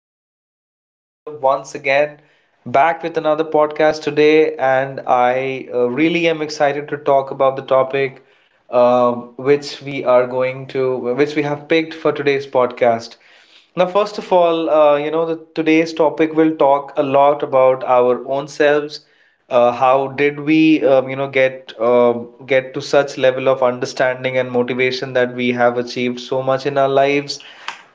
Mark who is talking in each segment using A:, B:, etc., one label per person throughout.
A: amazing. This is Madhav once again back with another podcast today, and I really am excited to talk about the topic uh, which we are going to, which we have picked for today's podcast. Now, first of all, today's topic will talk a lot about our own selves. How did we get to such level of understanding and motivation that we have achieved so much in our lives,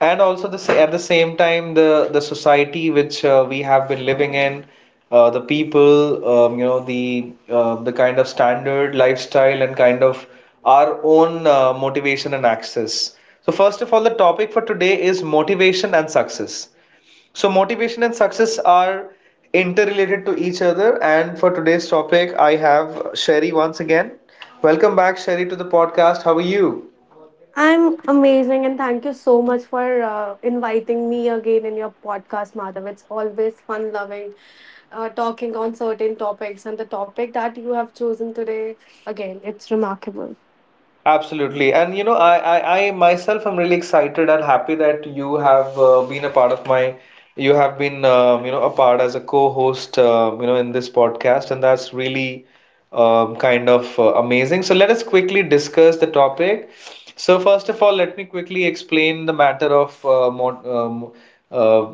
A: and also the at the same time the society which we have been living in the people, the kind of standard lifestyle and kind of our own motivation and access. So first of all, the topic for today is motivation and success. So motivation and success are interrelated to each other. And for today's topic, I have Sherry once again. Welcome back, Sherry, to the podcast. How are you?
B: I'm amazing, and thank you so much for inviting me again in your podcast, Madhav. It's always fun loving talking on certain topics, and the topic that you have chosen today, again, it's remarkable.
A: Absolutely. And you know, I myself am really excited and happy that you have been a part of my you have been, a part as a co-host, in this podcast, and that's really amazing. So let us quickly discuss the topic. So first of all, let me quickly explain the matter of mo um, uh,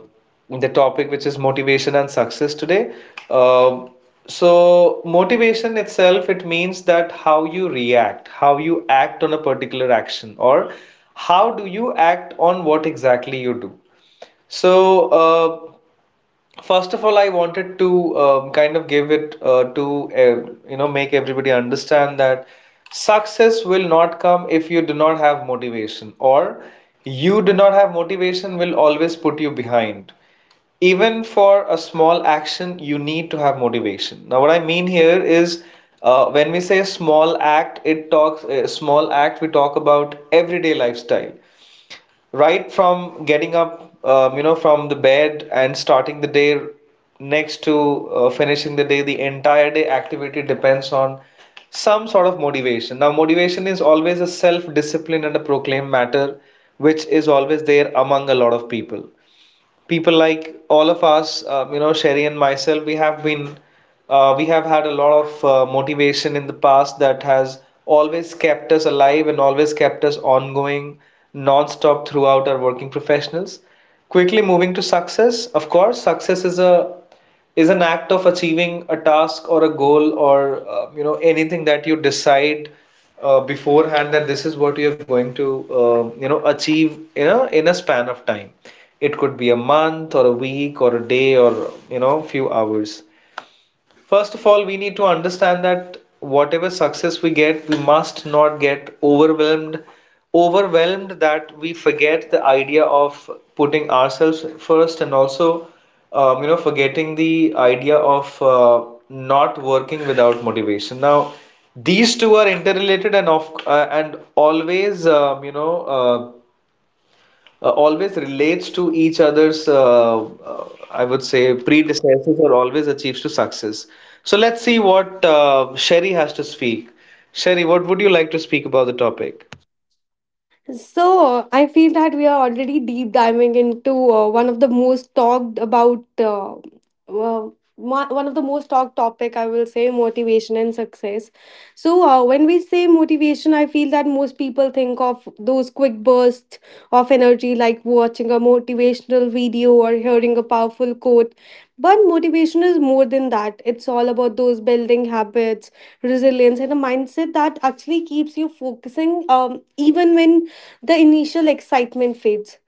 A: the topic, which is motivation and success today. Um, so motivation itself, it means that how you react, how you act on a particular action, or how do you act on what exactly you do. So, first of all, I wanted to kind of give it to make everybody understand that success will not come if you do not have motivation, or you do not have motivation will always put you behind. Even for a small action, you need to have motivation. Now, what I mean here is when we say small act, it talks small act, we talk about everyday lifestyle right from getting up, from the bed and starting the day next to finishing the day, the entire day activity depends on some sort of motivation. Now, motivation is always a self-discipline and a proclaimed matter, which is always there among a lot of people like all of us, Sherry and myself, we have we have had a lot of motivation in the past that has always kept us alive and always kept us ongoing non-stop throughout our working professionals. Quickly moving to success, of course, success is a is an act of achieving a task or a goal or anything that you decide beforehand that this is what you're going to achieve in a span of time. It could be a month or a week or a day or you know few hours. First of all, we need to understand that whatever success we get, we must not get overwhelmed that we forget the idea of putting ourselves first and also, forgetting the idea of not working without motivation. Now, these two are interrelated and of and always always relates to each other's, I would say, predecessors or always achieves to success. So let's see what Sherry has to speak. Sherry, what would you like to speak about the topic?
B: So, I feel that we are already deep diving into one of the most talked about, one of the most talked topic, I will say, motivation and success. So, when we say motivation, I feel that most people think of those quick bursts of energy, like watching a motivational video or hearing a powerful quote. But motivation is more than that. It's all about those building habits, resilience, and a mindset that actually keeps you focusing, even when the initial excitement fades,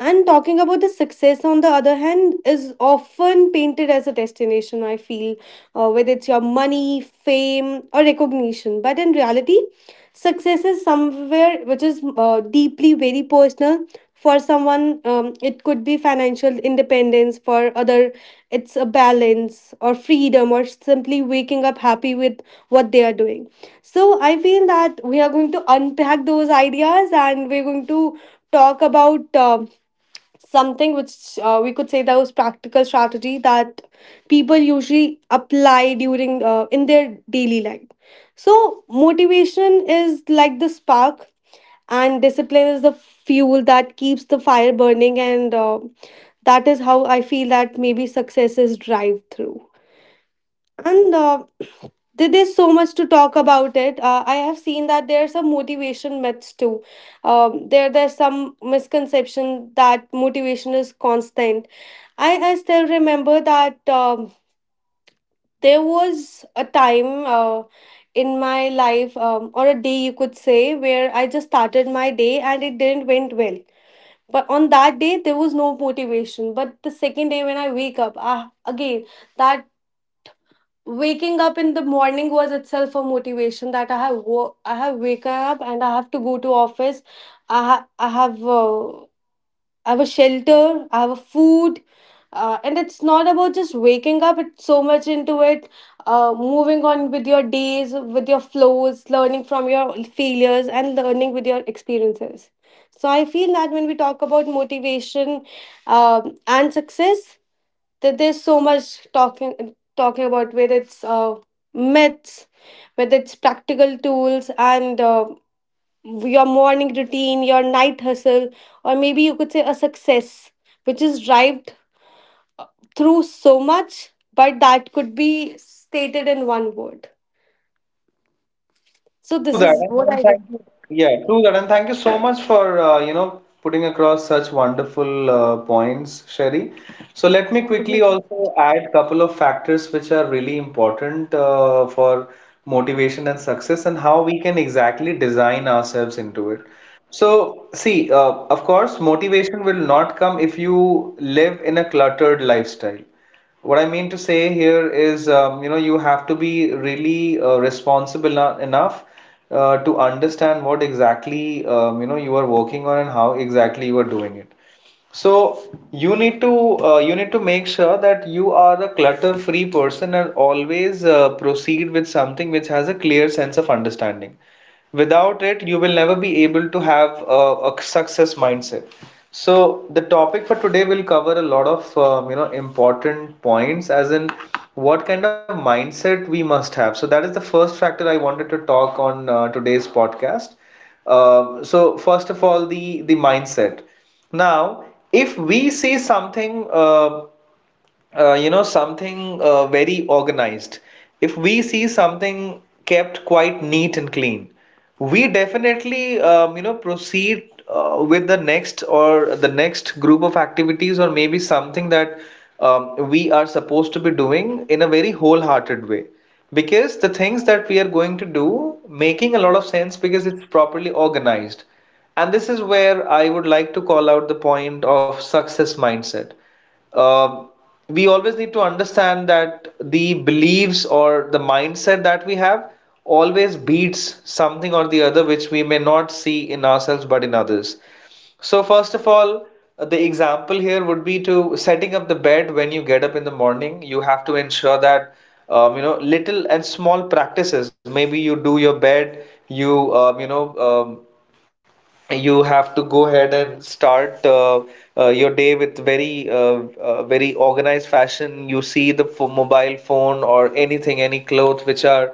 B: and talking about the success, on the other hand, is often painted as a destination, I feel, whether it's your money, fame, or recognition. But in reality, success is somewhere which is deeply very personal. For someone, it could be financial independence; for other, it's a balance or freedom, or simply waking up happy with what they are doing. So I feel that we are going to unpack those ideas, and we're going to talk about something which we could say that was practical strategy that people usually apply during in their daily life. So motivation is like the spark, and discipline is the fuel that keeps the fire burning, and that is how I feel that maybe success is drive through. And There's so much to talk about it. I have seen that there are some motivation myths too. There's some misconception that motivation is constant. I still remember that there was a time in my life, or a day you could say, where I just started my day and it didn't went well. But on that day there was no motivation. But the second day when I wake up, again, that waking up in the morning was itself a motivation that I have waken up and I have to go to office. I have a shelter. I have a food. And it's not about just waking up, it's so much into it, moving on with your days, with your flows, learning from your failures and learning with your experiences. So I feel that when we talk about motivation and success, that there's so much talking about, whether it's myths, whether it's practical tools, and your morning routine, your night hustle, or maybe you could say a success which is derived through so much, but that could be stated in one word. So
A: True
B: this
A: that,
B: is what
A: and
B: I do.
A: thank you. Yeah, true that, and thank you so much for putting across such wonderful points, Sherry. So let me quickly
B: Mhm.
A: also add couple of factors which are really important for motivation and success, and how we can exactly design ourselves into it. So, see, of course, motivation will not come if you live in a cluttered lifestyle. What I mean to say here is, you have to be really responsible enough to understand what exactly, you are working on and how exactly you are doing it. So you need to make sure that you are a clutter-free person and always proceed with something which has a clear sense of understanding. Without it, you will never be able to have a success mindset. So the topic for today will cover a lot of important points, as in what kind of mindset we must have. So that is the first factor I wanted to talk on today's podcast. So first of all, the mindset. Now, if we see something something very organized, if we see something kept quite neat and clean, we definitely proceed with the next or the next group of activities or maybe something that we are supposed to be doing in a very wholehearted way, because the things that we are going to do making a lot of sense because it's properly organized. And this is where I would like to call out the point of success mindset. uh, we always need to understand that the beliefs or the mindset that we have always beats something or the other which we may not see in ourselves but in others. So, first of all, the example here would be to setting up the bed when you get up in the morning. You have to ensure that little and small practices. Maybe you do your bed, you you know you have to go ahead and start your day with very organized fashion. You see the ph mobile phone or anything, any clothes which are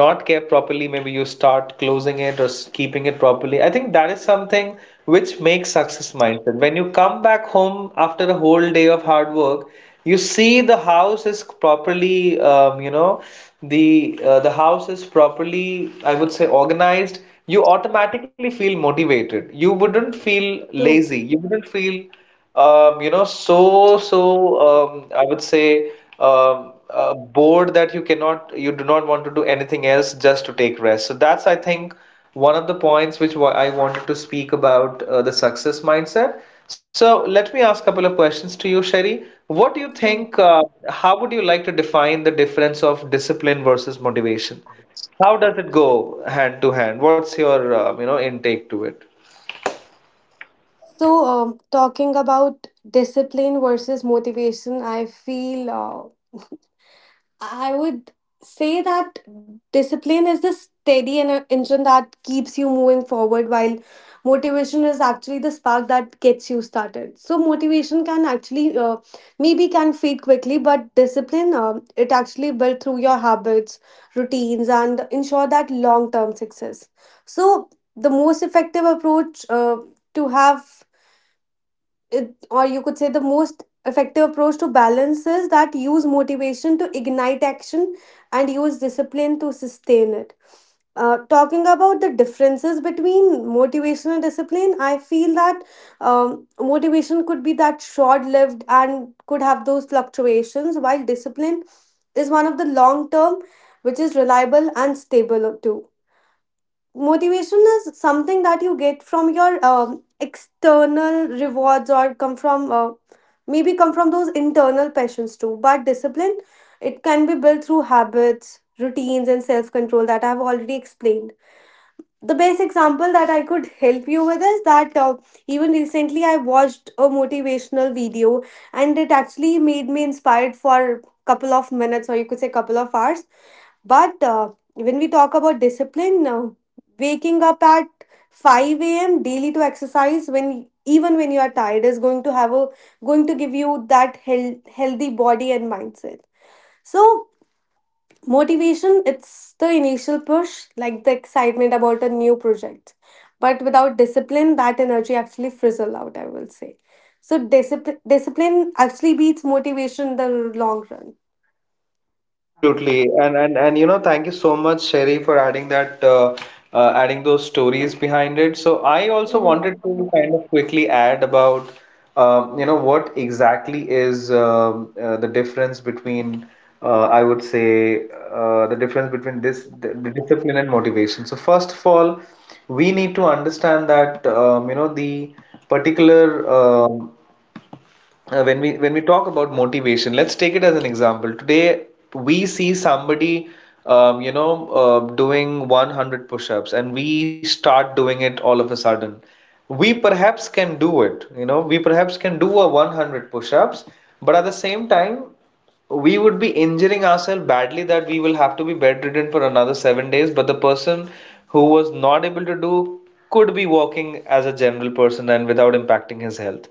A: not kept properly, maybe you start closing it or keeping it properly. I think that is something which makes success mindset. When you come back home after a whole day of hard work, you see the house is properly, the the house is properly, I would say, organized, you automatically feel motivated. You wouldn't feel
B: True.
A: lazy. You wouldn't feel, um, you know, so, so, I would say, bored that you cannot, you do not want to do anything else just to take rest. So that's, I think, one of the points which I wanted to speak about the success mindset. So let me ask a couple of questions to you, Sherry. What do you
B: True.
A: think, how would you like to define the difference of discipline versus motivation? How does it go hand to hand? What's your intake to it?
B: So, talking about discipline versus motivation, I feel I would say that discipline is the engine that keeps you moving forward, while motivation is actually the spark that gets you started. So motivation can actually maybe can fade quickly, but discipline, it actually built through your habits, routines, and ensure that long term success. So the most effective approach to have it, or you could say the most effective approach to balance, is that use motivation to ignite action and use discipline to sustain it. Talking about the differences between motivation and discipline, I feel that motivation could be that short lived and could have those fluctuations, while discipline is one of the long term, which is reliable and stable too. Motivation is something that you get from your external rewards or come from those internal passions too, but discipline, it can be built through habits, routines and self control, that I've already explained. The best example that I could help you with is that even recently I watched a motivational video, and it actually made me inspired for couple of minutes, or you could say couple of hours. But when we talk about discipline, waking up at 5 a.m. daily to exercise when even when you are tired is going to have a going to give you that healthy body and mindset. So motivation, it's the initial push, like the excitement about a new project. But without discipline, that energy actually frizzle out, I will say. So discipline actually beats motivation in the long run.
A: Absolutely, thank you so much, Sherry, for adding that, adding those stories behind it. So I also
B: Mhm.
A: wanted to kind of quickly add about, what exactly is the difference between, I would say, the difference between the discipline and motivation. So first of all, we need to understand that the particular when we talk about motivation, let's take it as an example today. We see somebody doing 100 push-ups and we start doing it all of a sudden. We perhaps can do it, you know, we perhaps can do a 100 push-ups, but at the same time we would be injuring ourselves badly that we will have to be bedridden for another 7 days. But the person who was not able to do could be walking as a general person and without impacting his health.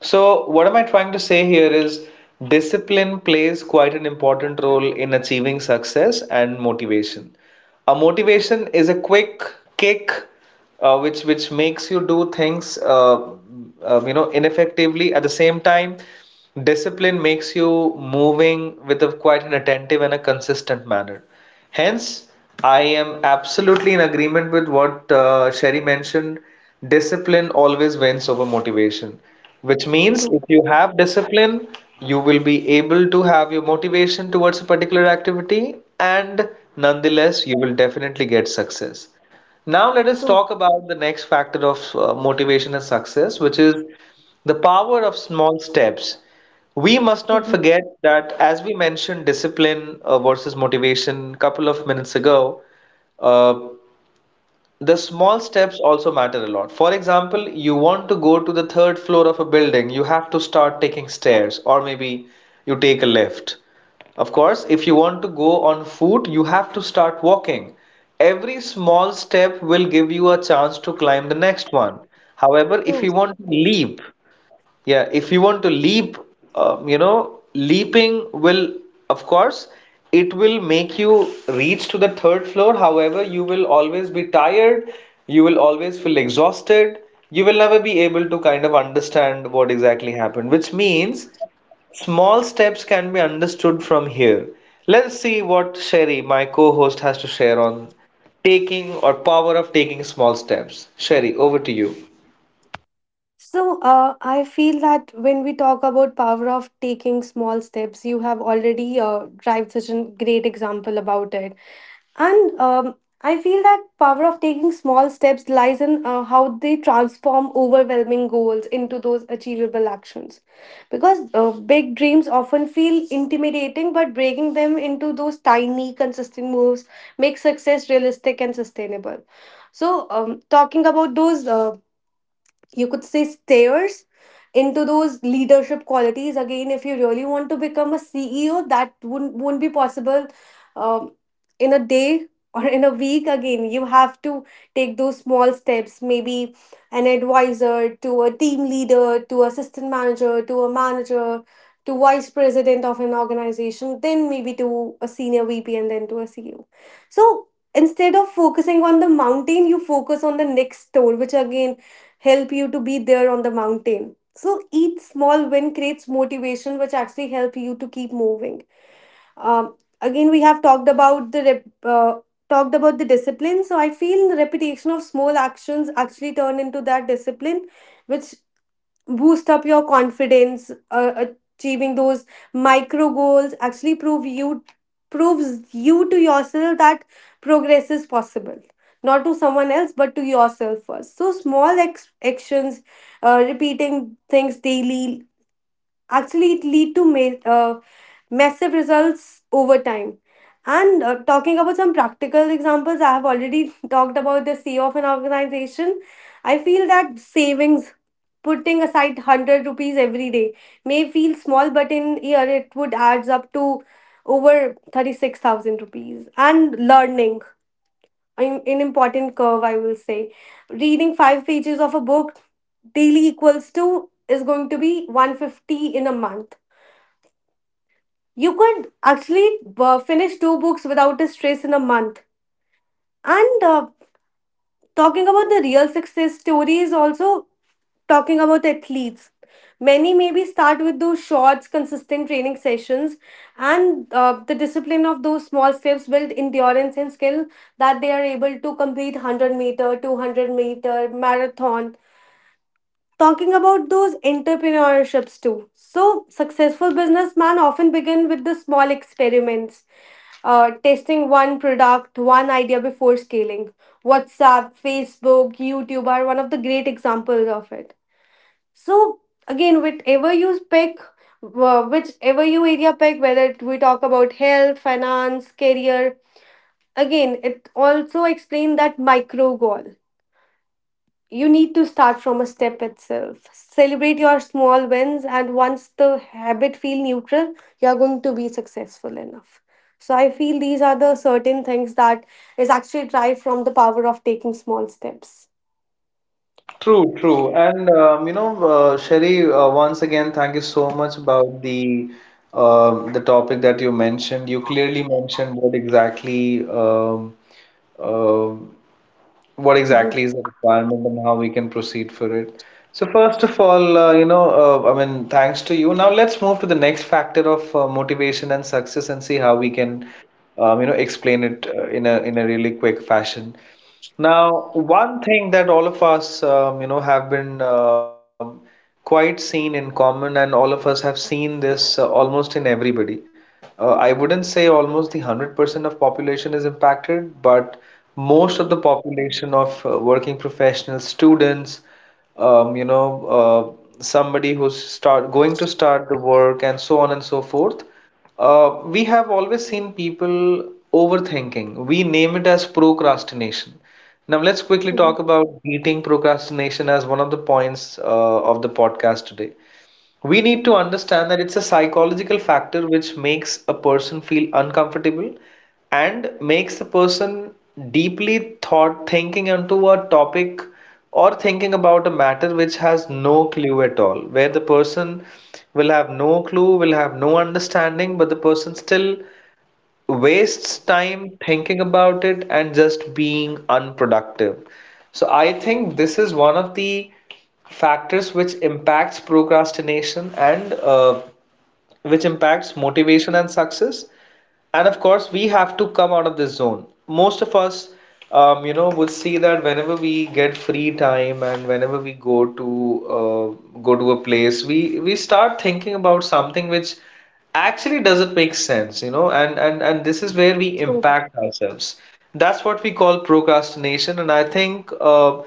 A: So, what am I trying to say here is discipline plays quite an important role in achieving success and motivation. A motivation is a quick kick, which makes you do things ineffectively. At the same time, discipline makes you moving with a quite an attentive and a consistent manner. Hence, I am absolutely in agreement with what Sherry mentioned. Discipline always wins over motivation, which means
B: True,
A: if you have discipline, you will be able to have your motivation towards a particular activity, and nonetheless, you will definitely get success. Now, let us
B: true.
A: talk about the next factor of motivation and success, which is the power of small steps. We must not
B: Mhm.
A: forget that as we mentioned discipline versus motivation a couple of minutes ago, uh, the small steps also matter a lot. For example, you want to go to the third floor of a building, you have to start taking stairs, or maybe you take a lift. Of course, if you want to go on foot, you have to start walking. Every small step will give you a chance to climb the next one. However, if
B: True.
A: you want to leap, yeah, if you want to leap, leaping will, of course, it will make you reach to the third floor. However, you will always be tired, you will always feel exhausted, you will never be able to kind of understand what exactly happened, which means small steps can be understood from here. Let's see what Sherry, my co-host, has to share on taking or power of taking small steps. Sherry, over to you.
B: So, I feel that when we talk about power of taking small steps, you have already drive such a great example about it. And I feel that power of taking small steps lies in how they transform overwhelming goals into those achievable actions. Because big dreams often feel intimidating, but breaking them into those tiny, consistent moves makes success realistic and sustainable. So, talking about those you could say stairs into those leadership qualities, again, if you really want to become a CEO, that wouldn't won't be possible um, in a day or in a week. Again, you have to take those small steps, maybe an advisor to a team leader to assistant manager to a manager to vice president of an organization, then maybe to a senior VP, and then to a CEO. So instead of focusing on the mountain, you focus on the next store, which again help you to be there on the mountain. So each small win creates motivation, which actually help you to keep moving. Um, Again, we have talked about talked about the discipline. So I feel the repetition of small actions actually turn into that discipline, which boost up your confidence, achieving those micro goals actually proves you to yourself that progress is possible, not to someone else but to yourself first. So small actions, repeating things daily, actually it lead to massive results over time. And talking about some practical examples, I have already talked about the CEO of an organization. I feel that savings, putting aside 100 rupees every day, may feel small, but in year it would adds up to over 36,000 rupees. And learning an important curve, I will say, reading five pages of a book daily equals to is going to be 150 in a month. You could actually finish two books without a stress in a month. And talking about the real success stories, also talking about athletes. Many maybe start with those short, consistent training sessions, and the discipline of those small steps build endurance and skill, that they are able to complete 100 meter, 200-meter, marathon. Talking about those entrepreneurships too. So, successful businessmen often begin with the small experiments, testing one product, one idea before scaling. WhatsApp, Facebook, YouTube are one of the great examples of it. So, again, whatever you pick, whichever you area pick, whether it- we talk about health, finance, career, again, it also explains that micro goal. You need to start from a step itself. Celebrate your small wins, and once the habit feel neutral, you are going to be successful enough. So I feel these are the certain things that is actually derived from the power of taking small steps.
A: True, true. And Sherry, once again, thank you so much about the topic that you mentioned. You clearly mentioned uh, what
B: Mhm.
A: exactly is the requirement and how we can proceed for it. So first of all, I mean, thanks to you. Now let's move to the next factor of motivation and success and see how we can explain it in a really quick fashion. Now, one thing that all of us, have been quite seen in common, and all of us have seen this almost in everybody. I wouldn't say almost the 100% of population is impacted, but most
B: Mhm.
A: of the population of working professionals, students, somebody who's start going to start the work, and so on and so forth. We have always seen people overthinking. We name it as procrastination. Now, let's quickly
B: Mhm.
A: talk about beating procrastination as one of the points of the podcast today. We need to understand that it's a psychological factor which makes a person feel uncomfortable and makes the person deeply thought thinking onto a topic or thinking about a matter which has no clue at all, where the person will have no clue, will have no understanding, but the person still wastes time thinking about it and just being unproductive. So I think this is one of the factors which impacts procrastination and which impacts motivation and success. And of course, we have to come out of this zone. Most of us, would see that whenever we get free time and whenever we go to go to a place, we start thinking about something which actually doesn't make sense, and and this is where we
B: So
A: impact ourselves. That's what we call procrastination, and I think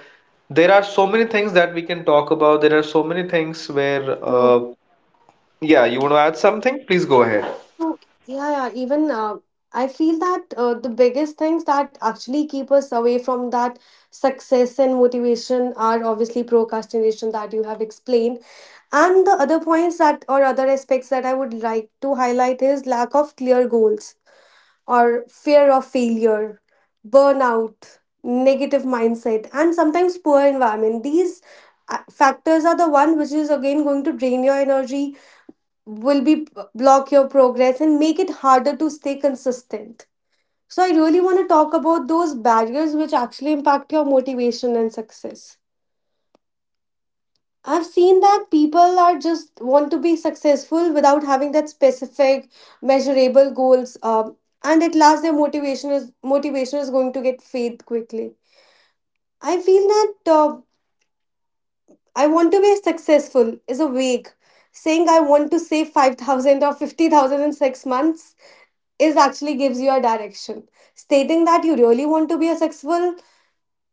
A: there are so many things that we can talk about. There are so many things where
B: so.
A: yeah, you want to add something? Please go ahead.
B: Oh, yeah, yeah. Even I feel that the biggest things that actually keep us away from that success and motivation are obviously procrastination that you have explained. And the other points, that or other aspects that I would like to highlight, is lack of clear goals or fear of failure, burnout, negative mindset, and sometimes poor environment. These factors are the one which is again going to drain your energy, will be block your progress and make it harder to stay consistent. So I really want to talk about those barriers which actually impact your motivation and success. I've seen that people are just want to be successful without having that specific measurable goals, and at last their motivation is going to get fade quickly. I feel that I want to be successful is a vague saying. I want to save 5,000 or 50,000 in 6 months is actually gives you a direction. Stating that you really want to be a successful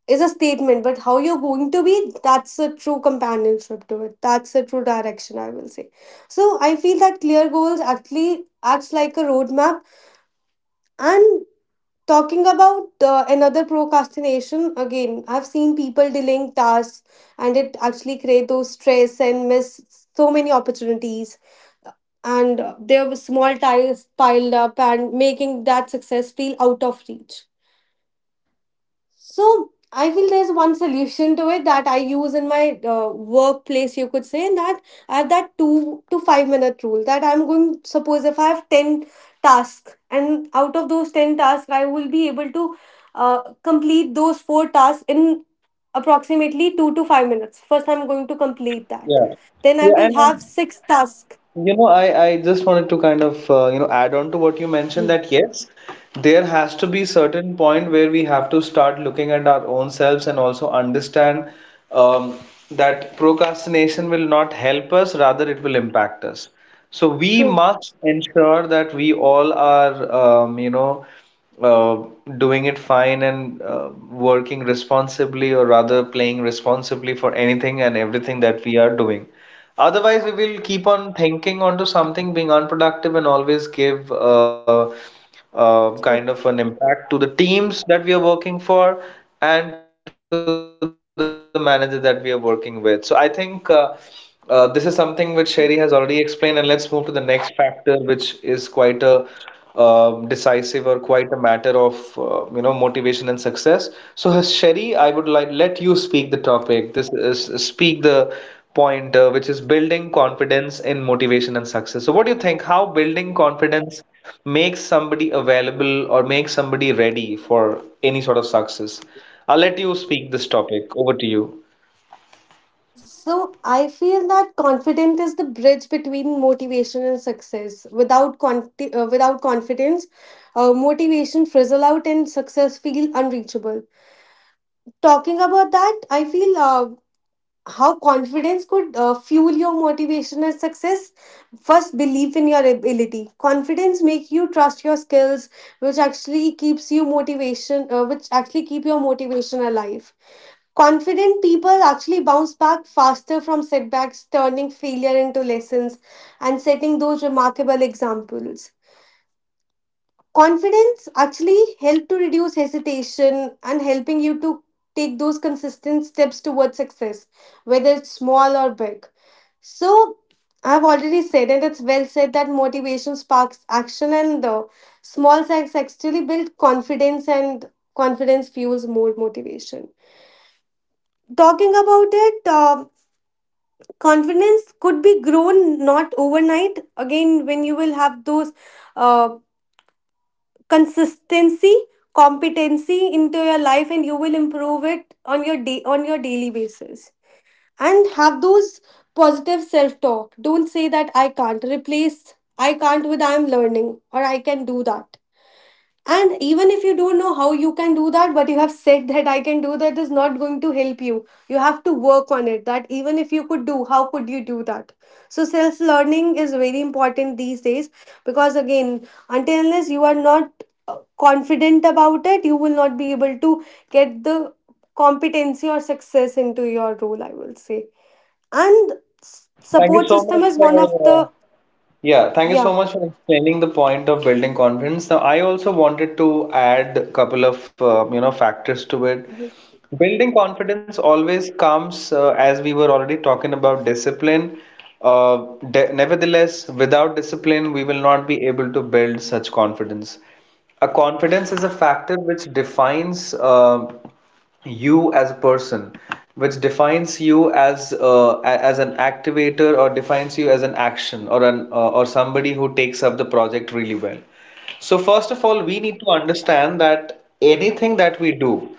B: is a statement, but how you're going to be, that's a true companionship to it. That's a true direction, I will say. So I feel that clear goals actually acts like a roadmap. And talking about another procrastination, again, I've seen people delaying tasks, and it actually create those stress and miss so many opportunities. And there were small ties piled up and making that success feel out of reach. So I feel there's one solution to it that I use in my workplace, you could say, and that I have that 2 to 5 minute rule, that I'm going, suppose if I have 10 tasks, and out of those 10 tasks, I will be able to complete those four tasks in approximately 2 to 5 minutes. First, I'm going to complete that.
A: Yeah.
B: Then I
A: Yeah,
B: will
A: and
B: have six tasks.
A: you know, I just wanted to kind of add on to what you mentioned
B: Mm.
A: that yes, there has to be certain point where we have to start looking at our own selves and also understand um, that procrastination will not help us, rather it will impact us. So we
B: True.
A: must ensure that we all are um, you know uh, doing it fine and working responsibly or rather playing responsibly for anything and everything that we are doing. Otherwise, we will keep on thinking onto something being unproductive and always give kind of
B: True.
A: an impact to the teams that we are working for and to the manager that we are working with. So I think this is something which Sherry has already explained, and let's move to the next factor, which is quite a decisive or quite a matter of motivation and success. So Sherry, I would like let you speak the topic. This is speak the point, which is building confidence in motivation and success. So, what do you think? How building confidence makes somebody available or makes somebody ready for any sort of success? I'll let you speak this topic. Over to you.
B: So I feel that confidence is the bridge between motivation and success. Without confidence, motivation frizzle out and success feel unreachable. Talking about that, I feel how confidence could fuel your motivation and success. First, belief in your ability. Confidence make you trust your skills, which actually keeps you motivation, which actually keep your motivation alive. Confident people actually bounce back faster from setbacks, turning failure into lessons and setting those remarkable examples. Confidence actually help to reduce hesitation and helping you to take those consistent steps towards success, whether it's small or big. So I've already said, and it's well said, that motivation sparks action, and the small acts actually build confidence, and confidence fuels more motivation. Talking about it, confidence could be grown not overnight. Again, when you will have those uh, consistency, competency into your life, and you will improve it on your day, on your daily basis, and have those positive self talk. Don't say that I can't. Replace I can't with I am learning, or I can do that. And even if you don't know how you can do that, but you have said that I can do that is not going to help you. You have to work on it. That even if you could do, how could you do that? So self learning is very important these days, because again, until unless you are not confident about it, you will not be able to get the competency or success into your role, I will say. And
A: True. Thank you
B: support
A: so
B: system
A: much
B: is
A: for
B: one of the
A: yeah, thank you so
B: yeah.
A: much for explaining the point of building confidence. Now, I also wanted to add a couple of factors to it. Building confidence always comes, as we were already talking about discipline. Nevertheless, without discipline, we will not be able to build such confidence. A confidence is a factor which defines you as a person, which defines you as as an activator or defines you as an action or an or somebody who takes up the project really well. So, first of all, we need to understand that anything that we do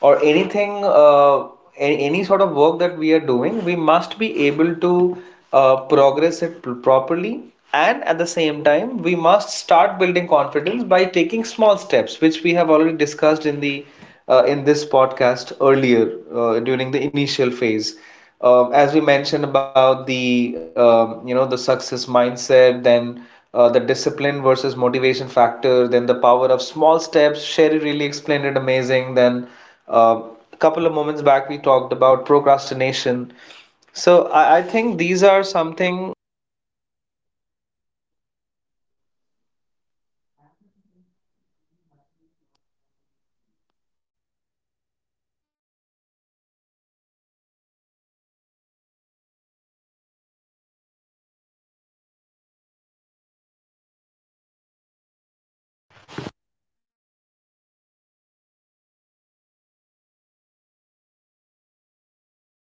A: or anything, any sort of work that we are doing, we must be able to progress it properly. And at the same time, we must start building confidence by taking small steps, which we have already discussed in the in this podcast earlier during the initial phase as we mentioned about the the success mindset, then the discipline versus motivation factor, then the power of small steps. Sherry really explained it amazing. Then uh,
B: Mhm.